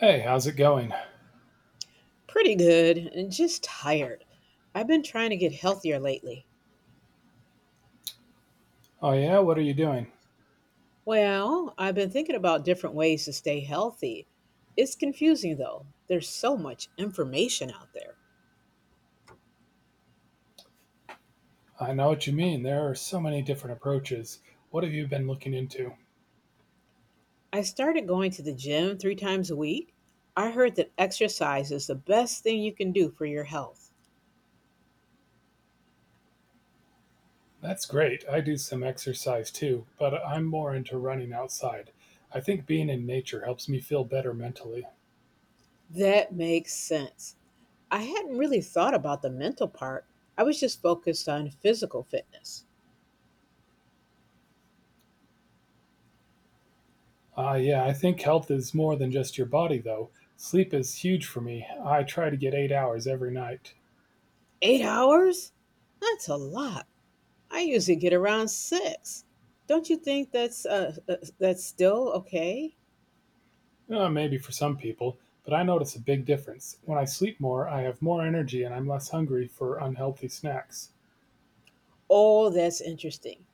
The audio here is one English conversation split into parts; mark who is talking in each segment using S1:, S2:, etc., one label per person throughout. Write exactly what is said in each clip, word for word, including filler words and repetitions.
S1: Hey, how's it going?
S2: Pretty good and just tired. I've been trying to get healthier lately.
S1: Oh, yeah, what are you doing?
S2: Well, I've been thinking about different ways to stay healthy. It's confusing though. There's so much information out there.
S1: I know what you mean. There are so many different approaches. What have you been looking into?
S2: I started going to the gym three times a week. I heard that exercise is the best thing you can do for your health.
S1: That's great. I do some exercise too, but I'm more into running outside. I think being in nature helps me feel better mentally.
S2: That makes sense. I hadn't really thought about the mental part. I was just focused on physical fitness.
S1: Ah, yeah, I think health is more than just your body, though. Sleep is huge for me. I try to get eight hours every night.
S2: Eight hours? That's a lot. I usually get around six. Don't you think that's uh, uh, that's still okay?
S1: Uh, maybe for some people, but I notice a big difference. When I sleep more, I have more energy and I'm less hungry for unhealthy snacks.
S2: Oh, that's interesting.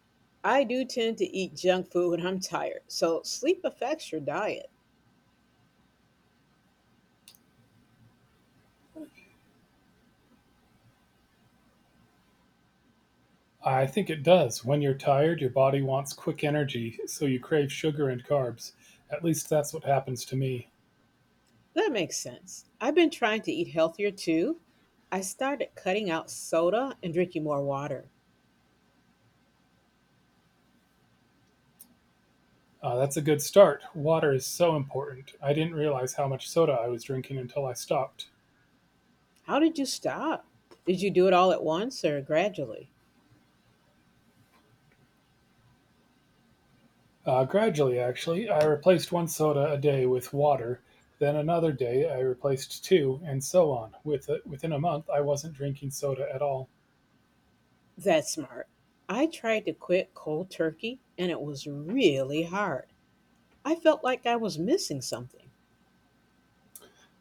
S2: I do tend to eat junk food when I'm tired, so sleep affects your diet.
S1: I think it does. When you're tired, your body wants quick energy, so you crave sugar and carbs. At least that's what happens to me.
S2: That makes sense. I've been trying to eat healthier too. I started cutting out soda and drinking more water.
S1: Uh, that's a good start. Water is so important. I didn't realize how much soda I was drinking until I stopped.
S2: How did you stop? Did you do it all at once or gradually?
S1: Uh, gradually, actually, I replaced one soda a day with water. Then another day, I replaced two, and so on. With within a month, I wasn't drinking soda at all.
S2: That's smart. I tried to quit cold turkey and it was really hard. I felt like I was missing something.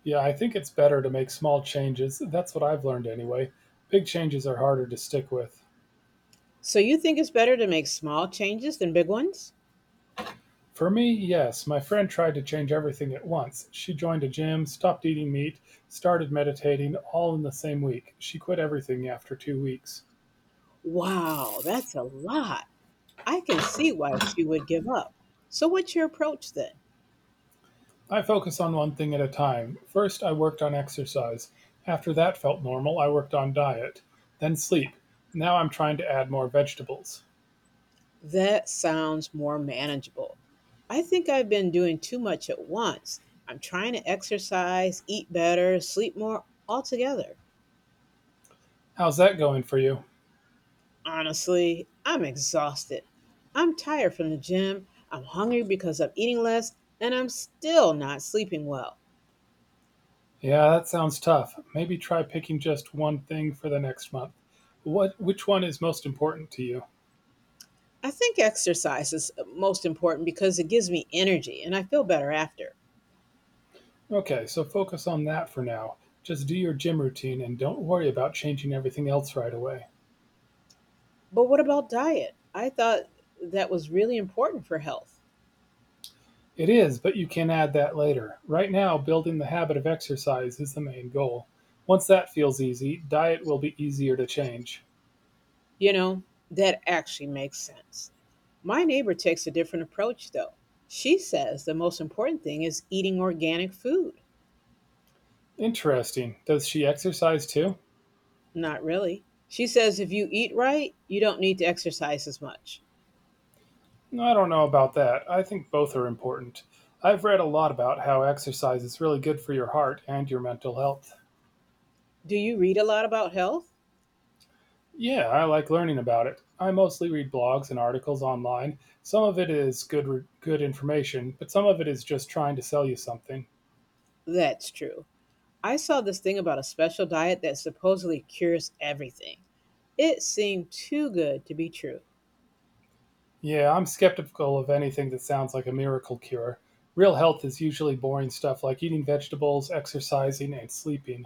S1: Yeah, I think it's better to make small changes. That's what I've learned anyway. Big changes are harder to stick with.
S2: So you think it's better to make small changes than big ones?
S1: For me, yes. My friend tried to change everything at once. She joined a gym, stopped eating meat, started meditating, all in the same week. She quit everything after two weeks.
S2: Wow, that's a lot. I can see why she would give up. So what's your approach then?
S1: I focus on one thing at a time. First, I worked on exercise. After that felt normal, I worked on diet. Then sleep. Now I'm trying to add more vegetables.
S2: That sounds more manageable. I think I've been doing too much at once. I'm trying to exercise, eat better, sleep more altogether.
S1: How's that going for you?
S2: Honestly, I'm exhausted. I'm tired from the gym. I'm hungry because I'm eating less, and I'm still not sleeping well.
S1: Yeah, that sounds tough. Maybe try picking just one thing for the next month. What Which one is most important to you?
S2: I think exercise is most important because it gives me energy and I feel better after.
S1: Okay, so focus on that for now. Just do your gym routine and don't worry about changing everything else right away.
S2: But what about diet? I thought that was really important for health.
S1: It is, but you can add that later. Right now, building the habit of exercise is the main goal. Once that feels easy, diet will be easier to change.
S2: You know, that actually makes sense. My neighbor takes a different approach though. She says the most important thing is eating organic food.
S1: Interesting. Does she exercise too?
S2: Not really. She says if you eat right, you don't need to exercise as much.
S1: I don't know about that. I think both are important. I've read a lot about how exercise is really good for your heart and your mental health.
S2: Do you read a lot about health?
S1: Yeah, I like learning about it. I mostly read blogs and articles online. Some of it is good re- good information, but some of it is just trying to sell you something.
S2: That's true. I saw this thing about a special diet that supposedly cures everything. It seemed too good to be true.
S1: Yeah, I'm skeptical of anything that sounds like a miracle cure. Real health is usually boring stuff like eating vegetables, exercising, and sleeping.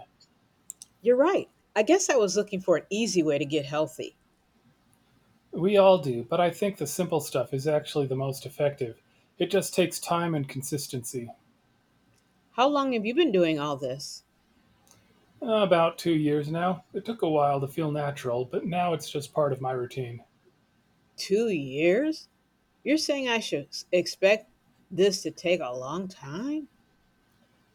S2: You're right. I guess I was looking for an easy way to get healthy.
S1: We all do, but I think the simple stuff is actually the most effective. It just takes time and consistency.
S2: How long have you been doing all this?
S1: About two years now. It took a while to feel natural, but now it's just part of my routine.
S2: Two years? You're saying I should s- expect this to take a long time?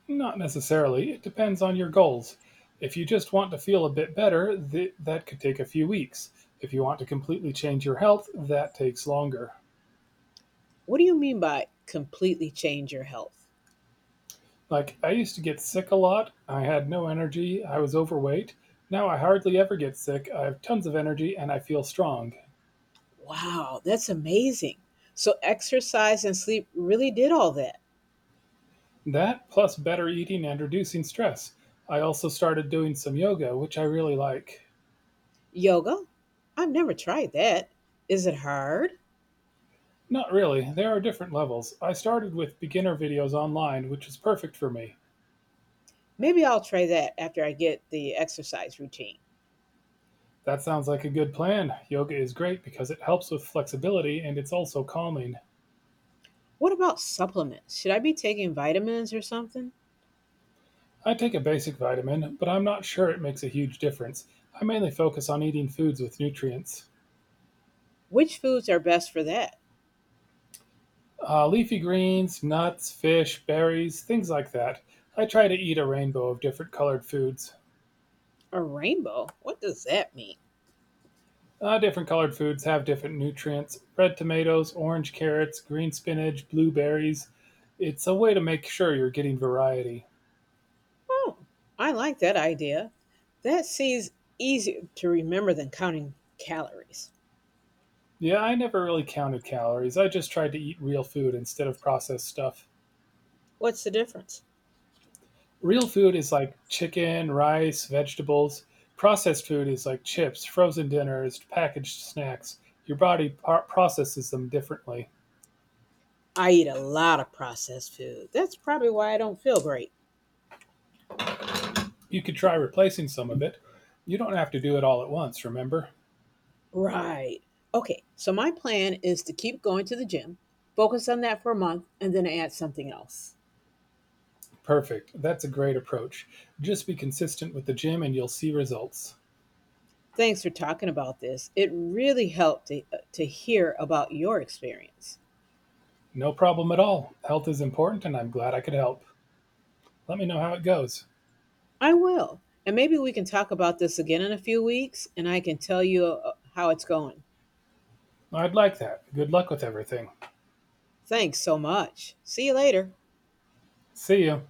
S1: Not necessarily, it depends on your goals. If you just want to feel a bit better, th- that could take a few weeks. If you want to completely change your health, that takes longer.
S2: What do you mean by completely change your health?
S1: Like, I used to get sick a lot, I had no energy, I was overweight. Now I hardly ever get sick, I have tons of energy, and I feel strong.
S2: Wow, that's amazing. So, exercise and sleep really did all that.
S1: That plus better eating and reducing stress. I also started doing some yoga, which I really like.
S2: Yoga? I've never tried that. Is it hard?
S1: Not really, there are different levels. I started with beginner videos online, which was perfect for me.
S2: Maybe I'll try that after I get the exercise routine.
S1: That sounds like a good plan. Yoga is great because it helps with flexibility and it's also calming.
S2: What about supplements? Should I be taking vitamins or something?
S1: I take a basic vitamin, but I'm not sure it makes a huge difference. I mainly focus on eating foods with nutrients.
S2: Which foods are best for that?
S1: Uh, leafy greens, nuts, fish, berries, things like that. I try to eat a rainbow of different colored foods.
S2: A rainbow? What does that mean?
S1: Uh, different colored foods have different nutrients: red tomatoes, orange carrots, green spinach, blueberries. It's a way to make sure you're getting variety.
S2: Oh, I like that idea. That seems easier to remember than counting calories.
S1: Yeah, I never really counted calories. I just tried to eat real food instead of processed stuff.
S2: What's the difference?
S1: Real food is like chicken, rice, vegetables. Processed food is like chips, frozen dinners, packaged snacks. Your body par- processes them differently.
S2: I eat a lot of processed food. That's probably why I don't feel great.
S1: You could try replacing some of it. You don't have to do it all at once, remember?
S2: Right. Okay, so my plan is to keep going to the gym, focus on that for a month, and then add something else.
S1: Perfect. That's a great approach. Just be consistent with the gym and you'll see results.
S2: Thanks for talking about this. It really helped to, uh, to hear about your experience.
S1: No problem at all. Health is important and I'm glad I could help. Let me know how it goes.
S2: I will. And maybe we can talk about this again in a few weeks and I can tell you uh, how it's going.
S1: I'd like that. Good luck with everything.
S2: Thanks so much. See you later.
S1: See you.